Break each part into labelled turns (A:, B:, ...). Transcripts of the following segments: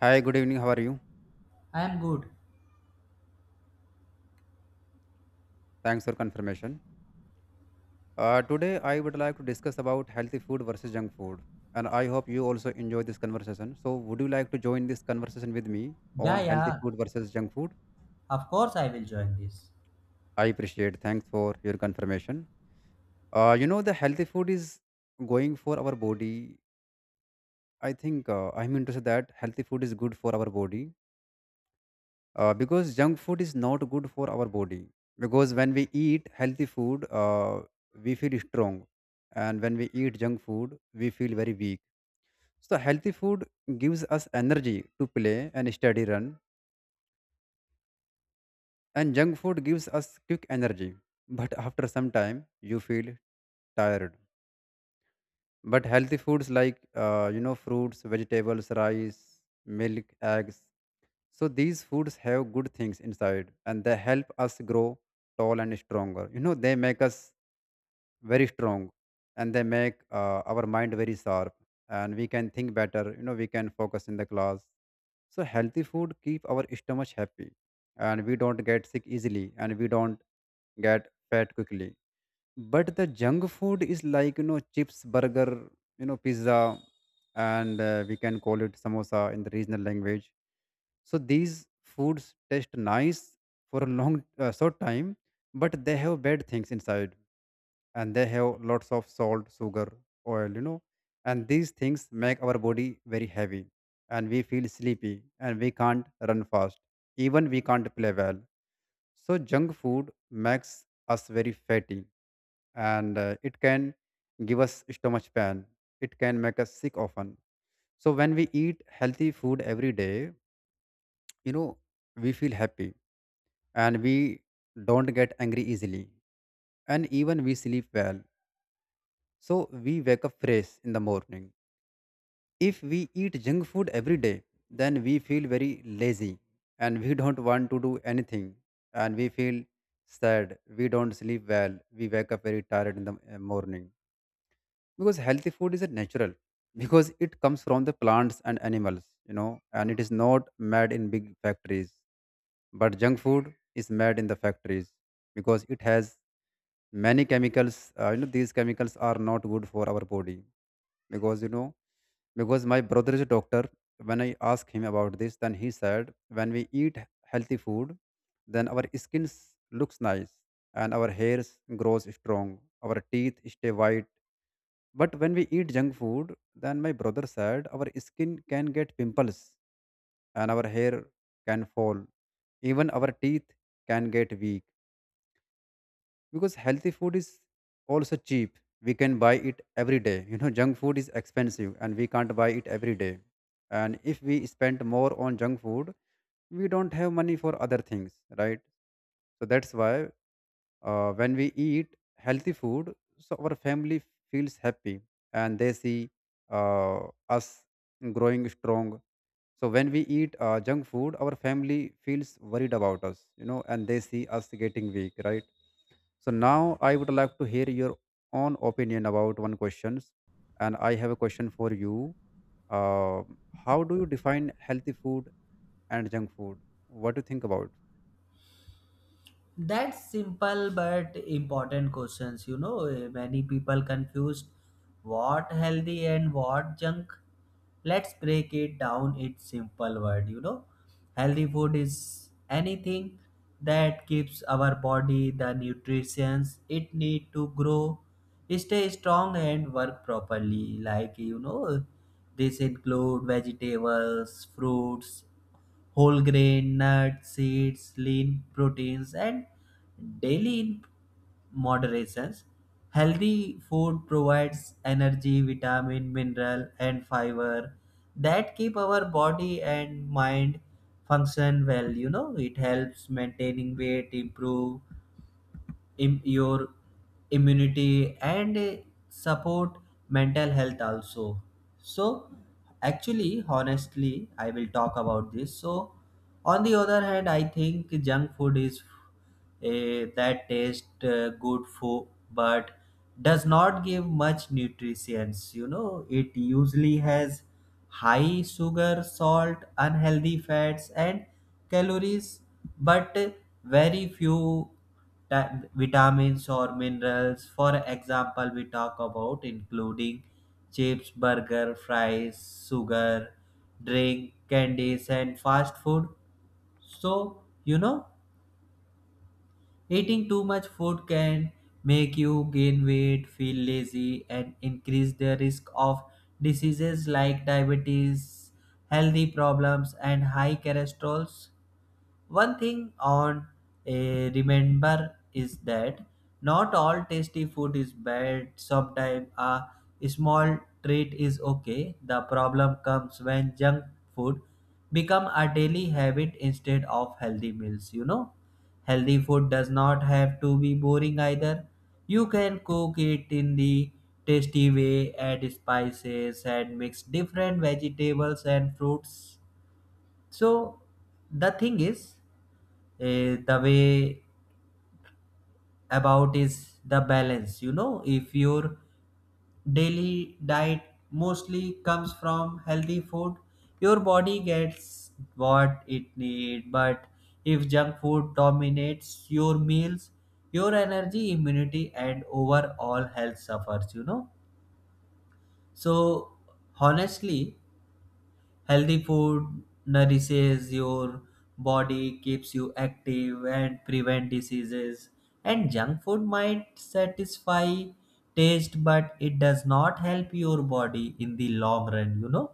A: Hi, good evening. How are you?
B: I am good.
A: Thanks for confirmation. Today, I would like to discuss about healthy food versus junk food, and I hope you also enjoy this conversation. So, would you like to join this conversation with me
B: Yeah,
A: on healthy
B: yeah.
A: food versus junk food?
B: of course, I will join this.
A: I appreciate. Thanks for your confirmation. The healthy food is going for our body. I think I'm interested that healthy food is good for our body because junk food is not good for our body, because when we eat healthy food we feel strong, and when we eat junk food we feel very weak. So healthy food gives us energy to play and study run, and junk food gives us quick energy, but after some time you feel tired. But healthy foods like fruits, vegetables, rice, milk, eggs. So these foods have good things inside and they help us grow tall and stronger. You know, they make us very strong, and they make our mind very sharp, and we can think better. You know, we can focus in the class. So healthy food keep our stomach happy, and we don't get sick easily and we don't get fat quickly. But the junk food is like chips, burger, pizza, and we can call it samosa in the regional language. So these foods taste nice for a long short time, but they have bad things inside, and they have lots of salt, sugar, oil, and these things make our body very heavy, and we feel sleepy and we can't run fast, even we can't play well. So junk food makes us very fatty, and it can give us stomach pain, it can make us sick often. So when we eat healthy food every day, you know we feel happy, and we don't get angry easily, and even we sleep well, so we wake up fresh in the morning. If we eat junk food every day, then we feel very lazy, and we don't want to do anything, and we feel sad, we don't sleep well, we wake up very tired in the morning. Because healthy food is a natural, because it comes from the plants and animals, and it is not made in big factories, but junk food is made in the factories, because it has many chemicals. These chemicals are not good for our body, because you know because my brother is a doctor. When I asked him about this, then he said when we eat healthy food, then our skin looks nice, and our hairs grows strong, our teeth stay white. But when we eat junk food, then my brother said our skin can get pimples, and our hair can fall. Even our teeth can get weak. Because healthy food is also cheap, we can buy it every day. Junk food is expensive and we can't buy it every day. And if we spend more on junk food, we don't have money for other things, right? So that's why when we eat healthy food, so our family feels happy, and they see uh, us growing strong. So when we eat junk food, our family feels worried about us, and they see us getting weak, right? So now I would like to hear your own opinion about one questions, and I have a question for you. Uh, how do you define healthy food and junk food? What do you think about?
B: That's simple but important questions. You know, many people confused what healthy and what junk. Let's break it down. It's simple word. You know, healthy food is anything that keeps our body the nutrients it need to grow, stay strong, and work properly. Like you know, this include vegetables, fruits whole grain, nuts, seeds, lean proteins, and daily in moderations. Healthy food provides energy, vitamin, mineral, and fiber that keep our body and mind function well. You know, it helps maintaining weight, improve your immunity and support mental health also. So actually, honestly, I will talk about this. So on the other hand, I think junk food is that taste good for, but does not give much nutrients. You know, it usually has high sugar, salt, unhealthy fats, and calories, but very few vitamins or minerals. For example, we talk about including chips, burger, fries, sugar, drink, candies, and fast food. So, you know, eating too much food can make you gain weight, feel lazy, and increase the risk of diseases like diabetes, healthy problems, and high cholesterol. One thing on a remember is that not all tasty food is bad. Sometimes a small treat is okay. The problem comes when junk food become a daily habit instead of healthy meals, you know. Healthy food does not have to be boring either. You can cook it in the tasty way, add spices and mix different vegetables and fruits. So the thing is, the way about is the balance. You know, if your daily diet mostly comes from healthy food, your body gets what it need, but if junk food dominates your meals, your energy, immunity, and overall health suffers, you know. So honestly, healthy food nourishes your body, keeps you active, and prevent diseases. And junk food might satisfy taste, but it does not help your body in the long run, you know.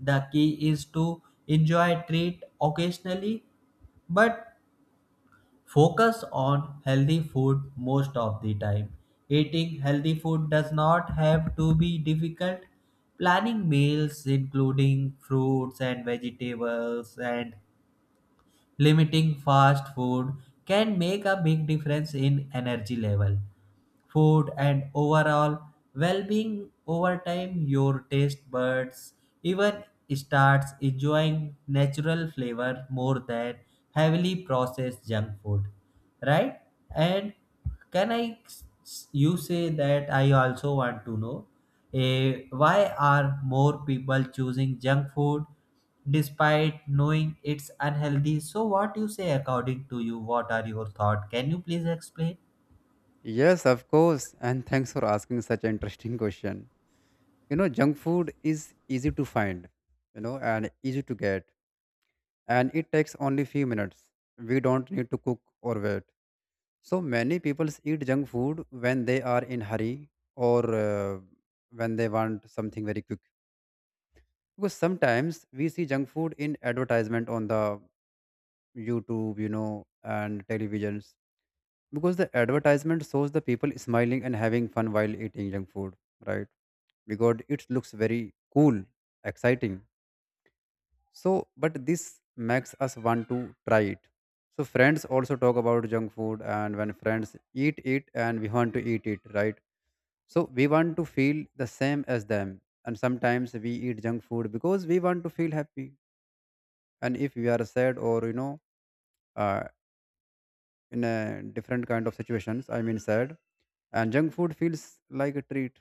B: The key is to enjoy treat occasionally, but focus on healthy food most of the time. Eating healthy food does not have to be difficult. Planning meals, including fruits and vegetables, and limiting fast food, can make a big difference in energy level, food, and overall well being over time. Your taste buds even starts enjoying natural flavor more than heavily processed junk food, right? And you say that I also want to know, why are more people choosing junk food despite knowing it's unhealthy? So what you say, according to you, what are your thoughts? Can you please explain?
A: Yes, of course, and thanks for asking such an interesting question. Junk food is easy to find, and easy to get, and it takes only few minutes, we don't need to cook or wait. So many people eat junk food when they are in hurry, or when they want something very quick. Because sometimes we see junk food in advertisement on the YouTube, and televisions, because the advertisement shows the people smiling and having fun while eating junk food, right? Because it looks very cool, exciting. So, but this makes us want to try it. So, friends also talk about junk food, and when friends eat it and we want to eat it, right? So, we want to feel the same as them. And sometimes we eat junk food because we want to feel happy. And if we are sad or, uh, in a different kind of situations, I mean, sad, and junk food feels like a treat,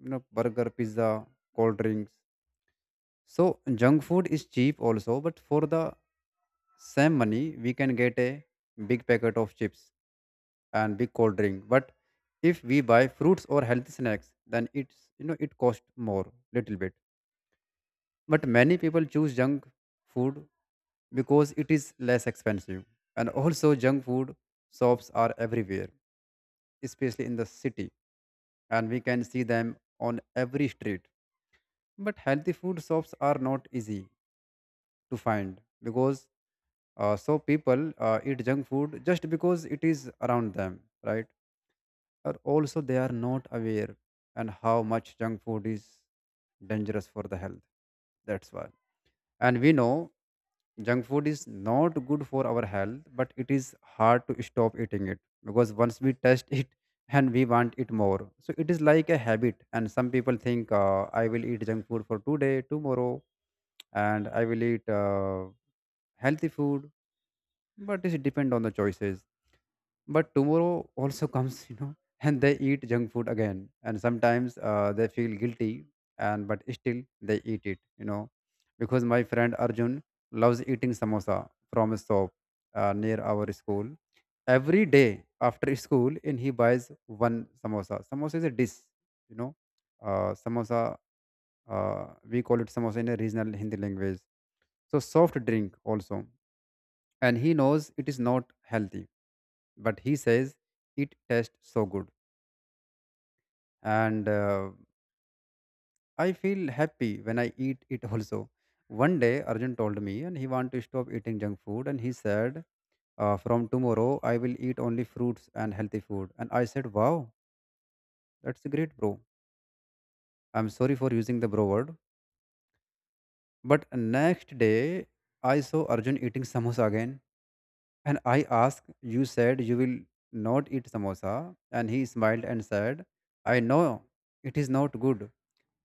A: burger, pizza, cold drinks. So, junk food is cheap also, but for the same money we can get a big packet of chips and big cold drink. But if we buy fruits or healthy snacks, then it's, it costs more little bit. But many people choose junk food because it is less expensive. And also junk food shops are everywhere, especially in the city, and we can see them on every street, but healthy food shops are not easy to find. Because so people eat junk food just because it is around them, right? Or also they are not aware and how much junk food is dangerous for the health, that's why. And we know junk food is not good for our health, but it is hard to stop eating it, because once we test it, and we want it more, so it is like a habit. And some people think I will eat junk food for today, tomorrow, and I will eat healthy food, but it depends on the choices. But tomorrow also comes, and they eat junk food again. And sometimes they feel guilty, and but still they eat it, because my friend Arjun loves eating samosa from a shop near our school. Every day after school, and he buys one samosa. Samosa is a dish, you know, samosa. We call it samosa in a regional Hindi language. So soft drink also, and he knows it is not healthy, but he says it tastes so good, and I feel happy when I eat it also. One day Arjun told me and he want to stop eating junk food, and he said from tomorrow I will eat only fruits and healthy food. And I said, wow, that's great, bro. I'm sorry for using the bro word. But next day I saw Arjun eating samosa again, and I asked, you said you will not eat samosa. And he smiled and said, I know it is not good,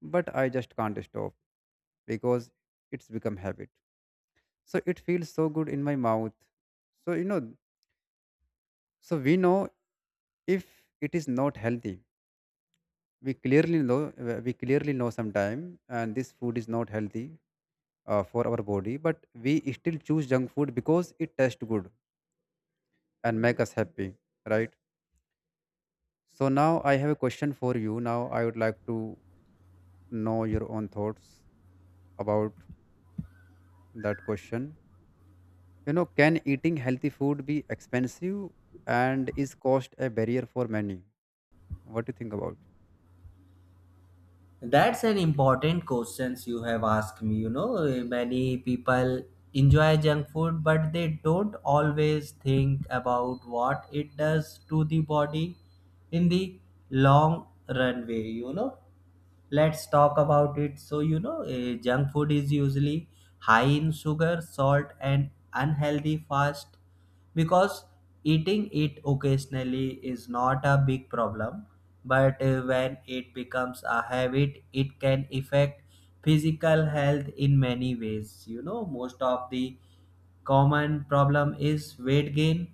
A: but I just can't stop because it's become habit. So it feels so good in my mouth. So you know, so we know if it is not healthy. We clearly know we clearly know sometime, and this food is not healthy for our body. But we still choose junk food because it tastes good and make us happy, right? So now I have a question for you. Now I would like to know your own thoughts about that question. Can eating healthy food be expensive, and is cost a barrier for many? What do you think about?
B: That's an important questions you have asked me. You know, many people enjoy junk food, but they don't always think about what it does to the body in the long runway. You know, let's talk about it. So, you know, junk food is usually high in sugar, salt, and unhealthy fast. Because eating it occasionally is not a big problem, but when it becomes a habit, it can affect physical health in many ways. You know, most of the common problem is weight gain.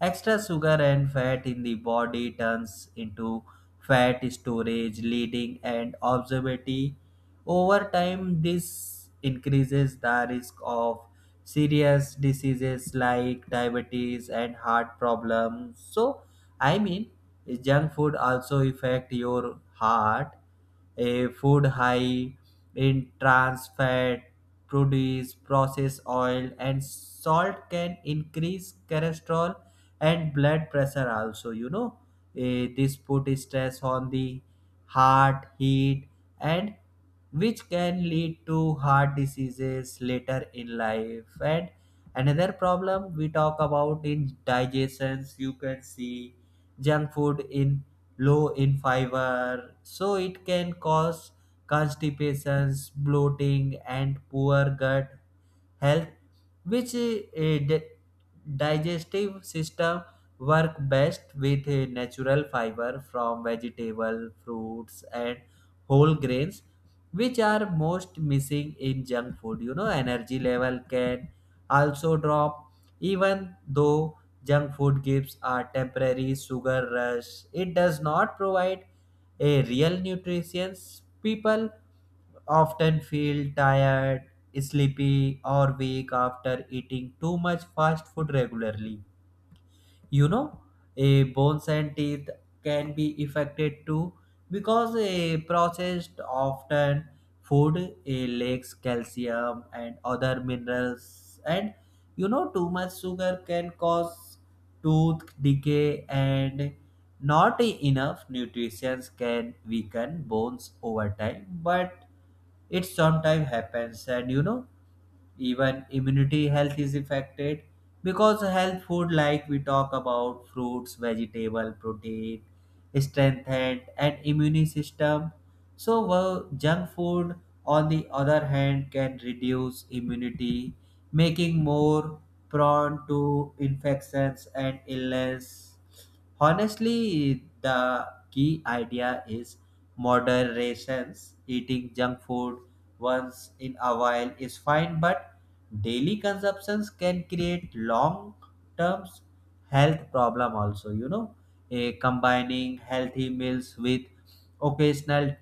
B: Extra sugar and fat in the body turns into fat storage, leading and obesity. Over time, this increases the risk of serious diseases like diabetes and heart problems. So, I mean, junk food also affect your heart. A food high in trans fat, produce, processed oil, and salt can increase cholesterol and blood pressure also, you know. Eh, this put stress on the heart heat and which can lead to heart diseases later in life. And another problem we talk about in digestions. You can see junk food in low in fiber, so it can cause constipations, bloating, and poor gut help, which digestive system work best with natural fiber from vegetable, fruits, and whole grains, which are most missing in junk food. You know, energy level can also drop. Even though junk food gives a temporary sugar rush, it does not provide a real nutrition, people often feel tired, sleepy, or weak after eating too much fast food regularly, you know. A bones and teeth can be affected too, because a processed often food a lacks calcium and other minerals. And you know, too much sugar can cause tooth decay, and not enough nutrition can weaken bones over time, but it sometimes happens. And you know, even immunity health is affected, because health food, like we talk about, fruits, vegetable, protein, strengthened and immune system. So well, junk food on the other hand can reduce immunity, making more prone to infections and illness. Honestly, the key idea is moderations. Eating junk food once in a while is fine, but daily consumptions can create long term health problem also, you know. Eh, combining healthy meals with occasional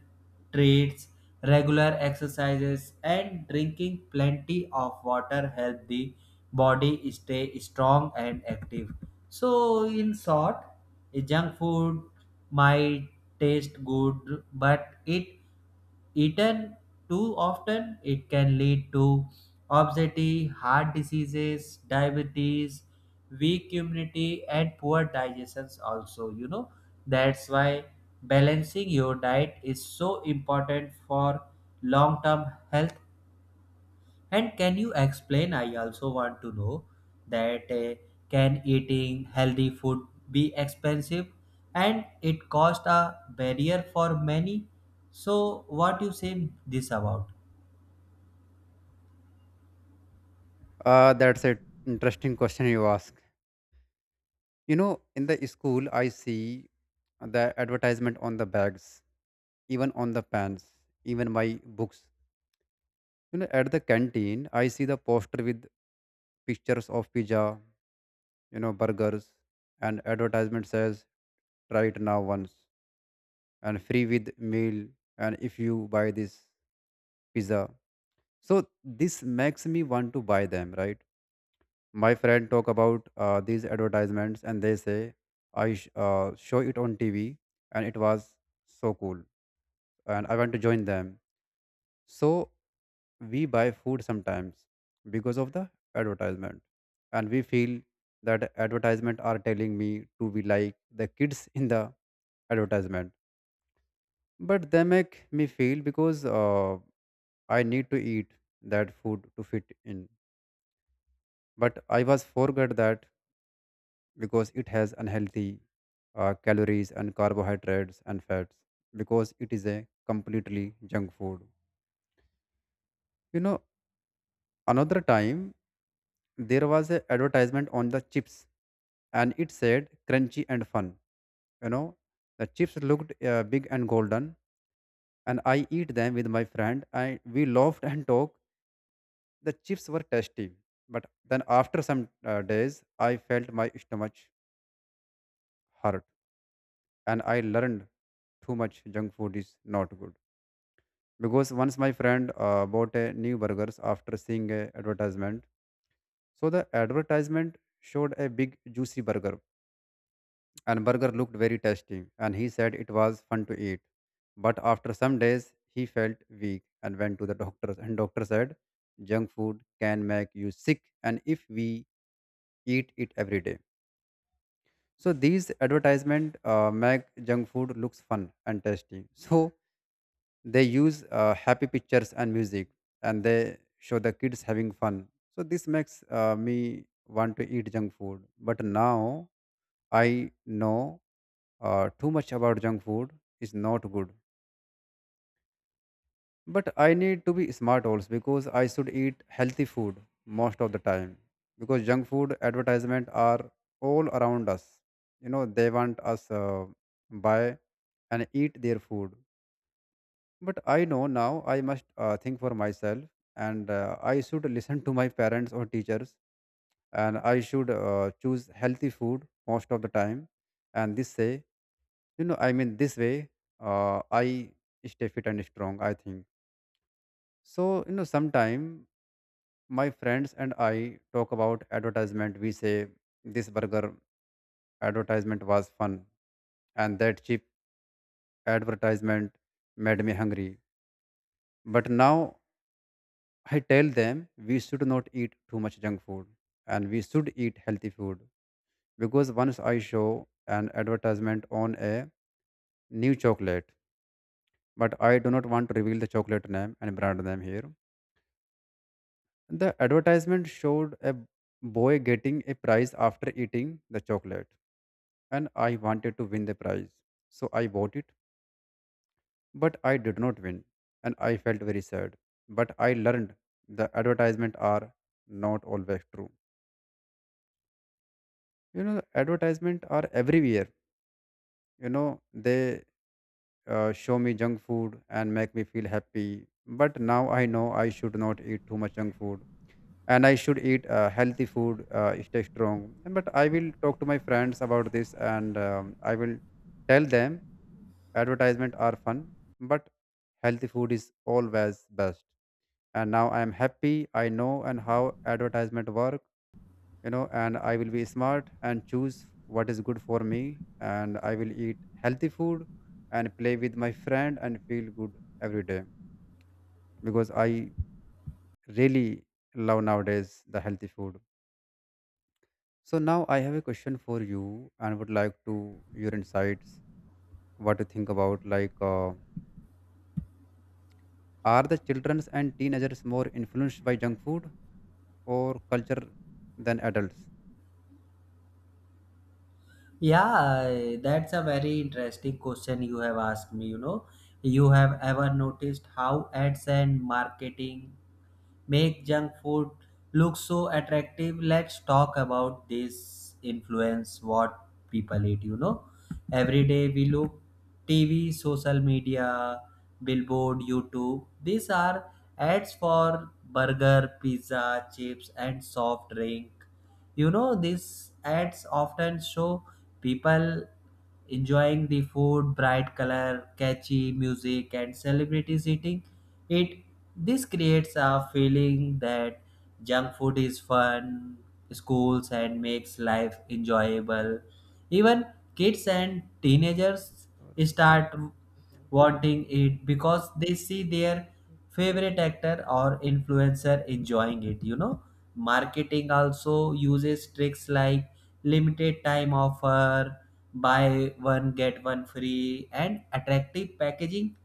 B: treats, regular exercises, and drinking plenty of water help the body stay strong and active. So in short, a junk food might taste good, but it eaten too often, it can lead to obesity, heart diseases, diabetes, weak immunity, and poor digestions. Also, you know, that's why balancing your diet is so important for long-term health. And can you explain? I also want to know that can eating healthy food be expensive, and it cost a barrier for many? So, what you say this about?
A: That's an interesting question you ask. In the school, I see the advertisement on the bags, even on the pans, even my books. At the canteen, I see the poster with pictures of pizza, burgers, and advertisement says, try it now once and free with meal. And if you buy this pizza, so this makes me want to buy them, right? My friend talk about these advertisements, and they say, I show it on TV, and it was so cool, and I want to join them. So we buy food sometimes because of the advertisement, and we feel that advertisement are telling me to be like the kids in the advertisement, but they make me feel because I need to eat that food to fit in. But I was forgot that, because it has unhealthy calories and carbohydrates and fats, because it is a completely junk food. You know another time there was an advertisement on the chips, and it said crunchy and fun. You know the chips looked big and golden, and I eat them with my friend and we laughed and talked. The chips were tasty, but then after some days I felt my stomach hurt, and I learned too much junk food is not good. Because once my friend bought a new burgers after seeing a advertisement. So the advertisement showed a big juicy burger, and burger looked very tasty, and he said it was fun to eat. But after some days he felt weak and went to the doctor, and doctor said junk food can make you sick and if we eat it every day. So these advertisement make junk food looks fun and tasty. So they use happy pictures and music, and they show the kids having fun, so this makes me want to eat junk food. But now I know too much about junk food is not good, but I need to be smart also because I should eat healthy food most of the time, because junk food advertisement are all around us. You know, they want us buy and eat their food. But I know now I must think for myself, and I should listen to my parents or teachers, and I should choose healthy food most of the time. And this say, this way I stay fit and strong, I think. So, you know, sometime my friends and I talk about advertisement. We say this burger advertisement was fun, and that cheap advertisement made me hungry. But now I tell them we should not eat too much junk food, and we should eat healthy food, because once I show an advertisement on a new chocolate, but I do not want to reveal the chocolate name and brand name here. The advertisement showed a boy getting a prize after eating the chocolate, and I wanted to win the prize. So I bought it, but I did not win, and I felt very sad. But I learned the advertisement are not always true. You know, advertisement are everywhere. You know, they show me junk food and make me feel happy, but now I know I should not eat too much junk food, and I should eat healthy food, stay strong. And but I will talk to my friends about this, and I will tell them advertisement are fun, but healthy food is always best. And now I am happy I know and how advertisement work. You know, and I will be smart and choose what is good for me, and I will eat healthy food and play with my friend and feel good every day, because I really love nowadays the healthy food. So now I have a question for you, and would like to your insights what to think about, like are the children and teenagers more influenced by junk food or culture than adults?
B: Yeah, that's a very interesting question you have asked me. You know, you have ever noticed how ads and marketing make junk food look so attractive? Let's talk about this influence what people eat. You know, every day we look TV, social media, billboard, YouTube. These are ads for burger, pizza, chips, and soft drink. You know, these ads often show people enjoying the food, bright color, catchy music, and celebrities eating it. This creates a feeling that junk food is fun schools and makes life enjoyable. Even kids and teenagers start wanting it because they see their favorite actor or influencer enjoying it. You know, marketing also uses tricks like limited time offer, buy one get one free, and attractive packaging.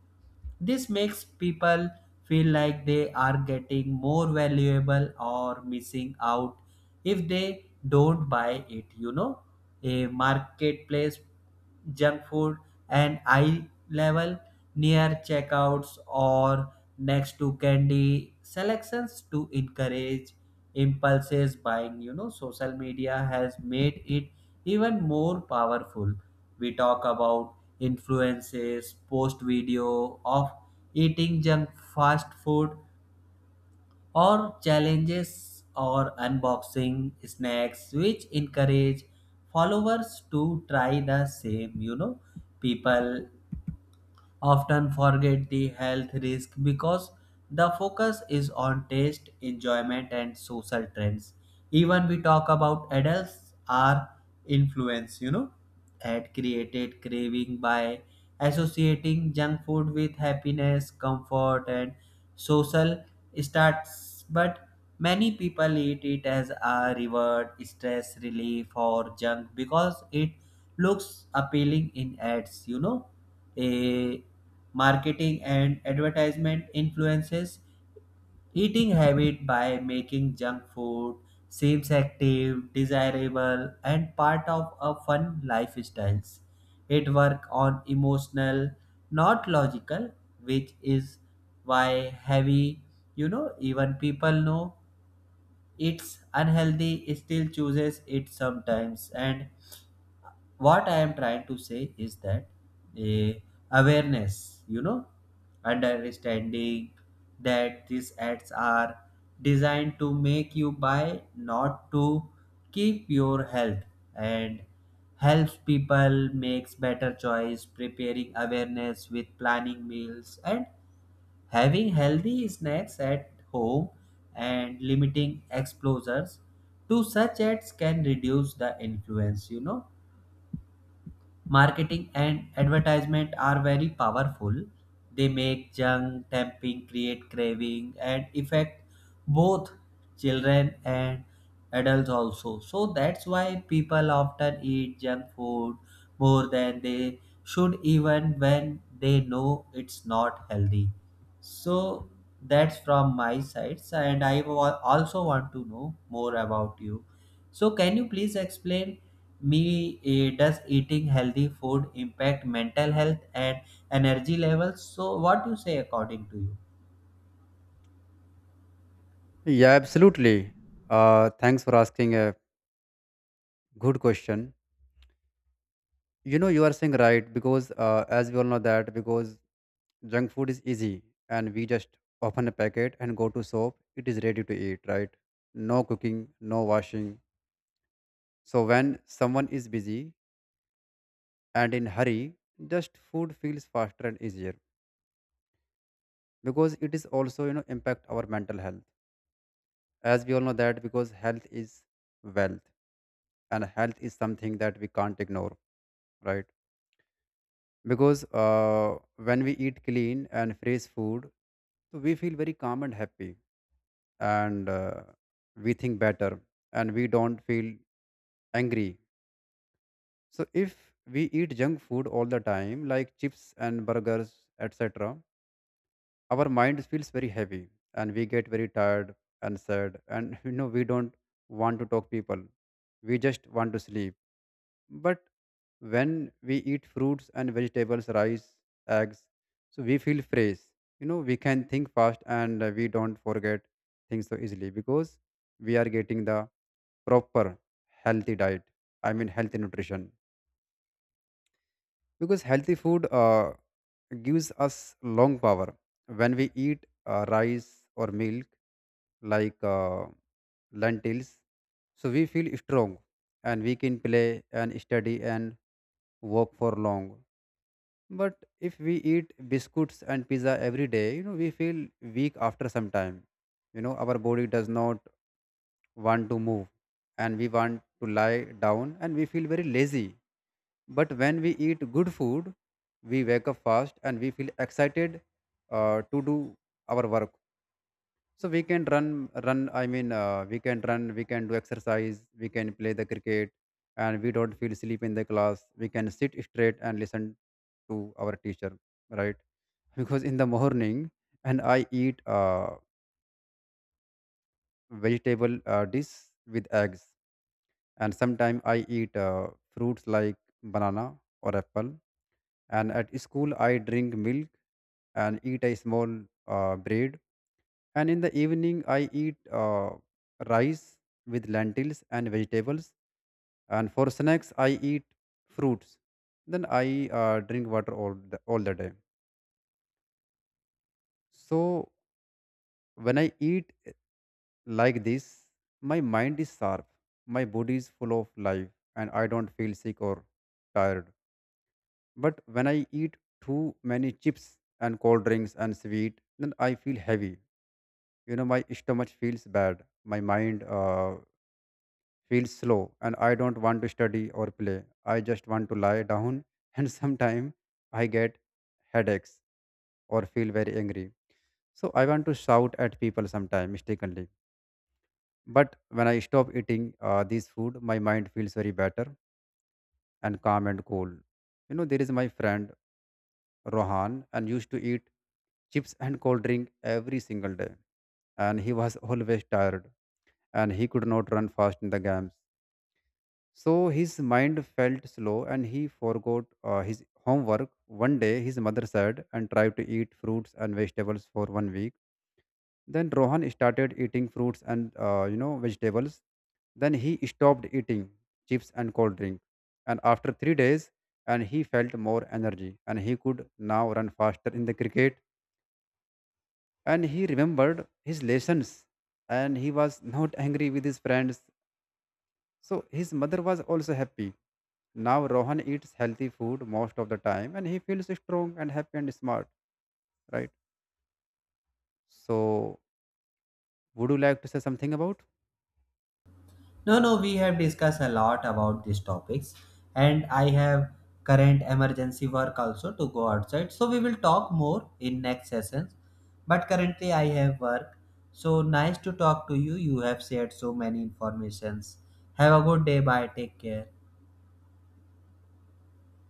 B: This makes people feel like they are getting more valuable or missing out if they don't buy it. You know, a marketplace, junk food, and eye level near checkouts or next to candy selections to encourage impulses buying. You know, social media has made it even more powerful. We talk about influences post video of eating junk, fast food, or challenges, or unboxing snacks, which encourage followers to try the same. You know, people often forget the health risk because the focus is on taste, enjoyment, and social trends. Even we talk about adults are influenced, you know, had created craving by associating junk food with happiness, comfort, and social starts. But many people eat it as a reward, stress relief, or junk because it looks appealing in ads, you know. A marketing and advertisement influences eating habit by making junk food seems active, desirable, and part of a fun lifestyles. It work on emotional, not logical, which is why heavy, you know, even people know it's unhealthy, still chooses it sometimes. And what I am trying to say is that, eh, awareness, you know, understanding that these ads are designed to make you buy, not to keep your health, and helps people makes better choice, preparing awareness with planning meals and having healthy snacks at home, and limiting exposures to such ads can reduce the influence, you know. Marketing and advertisement are very powerful. They make junk, tempting, create craving, and affect both children and adults also. So that's why people often eat junk food more than they should, even when they know it's not healthy. So that's from my side, and I also want to know more about you. So, can you please explain me, does eating healthy food impact mental health and energy levels? So what do you say, according to you?
A: Yeah, absolutely. Thanks for asking a good question. You know, you are saying right because, as we all know that, because junk food is easy and we just open a packet and go to shop. It is ready to eat, right? No cooking, no washing. So when someone is busy and in hurry, just food feels faster and easier, because it is also, you know, impact our mental health. As we all know that, because health is wealth, and health is something that we can't ignore, right? Because when we eat clean and fresh food, so we feel very calm and happy, and we think better and we don't feel angry. So if we eat junk food all the time, like chips and burgers etc, our mind feels very heavy, and we get very tired and sad. And you know, we don't want to talk people, we just want to sleep. But when we eat fruits and vegetables, rice, eggs, so we feel fresh. You know, we can think fast, and we don't forget things so easily, because we are getting the proper healthy diet, I mean healthy nutrition. Because healthy food gives us long power. When we eat rice or milk, like lentils, so we feel strong, and we can play and study and work for long. But if we eat biscuits and pizza every day, you know, we feel weak after some time. You know, our body does not want to move, and we want to lie down and we feel very lazy. But when we eat good food, we wake up fast and we feel excited to do our work. So we can we can run. We can do exercise. We can play the cricket, and we don't feel sleep in the class. We can sit straight and listen to our teacher, right? Because in the morning, and I eat vegetable dish with eggs, and sometimes I eat fruits like banana or apple, and at school I drink milk and eat a small bread, and in the evening I eat rice with lentils and vegetables, and for snacks I eat fruits, then I drink water all the day. So when I eat like this, my mind is sharp, my body is full of life, and I don't feel sick or tired. But when I eat too many chips and cold drinks and sweet, then I feel heavy. You know, my stomach feels bad. My mind feels slow, and I don't want to study or play. I just want to lie down, and sometimes I get headaches or feel very angry. So I want to shout at people sometimes mistakenly. But when I stop eating this food, my mind feels very better and calm and cool. You know, there is my friend Rohan and used to eat chips and cold drink every single day. And he was always tired, and he could not run fast in the games. So his mind felt slow and he forgot his homework. One day, his mother said and tried to eat fruits and vegetables for one week. Then Rohan started eating fruits and, you know, vegetables. Then he stopped eating chips and cold drink. And after 3 days, and he felt more energy, and he could now run faster in the cricket, and he remembered his lessons, and he was not angry with his friends, so his mother was also happy. Now Rohan eats healthy food most of the time, and he feels strong and happy and smart, right? So would you like to say something about?
B: No, no, we have discussed a lot about these topics, and I have current emergency work also to go outside, so we will talk more in next sessions. But currently I have work. So nice to talk to you. You have shared so many informations. Have a good day. Bye, take care.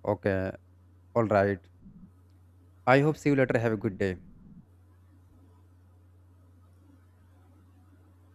A: Okay. All right. I hope see you later. Have a good day.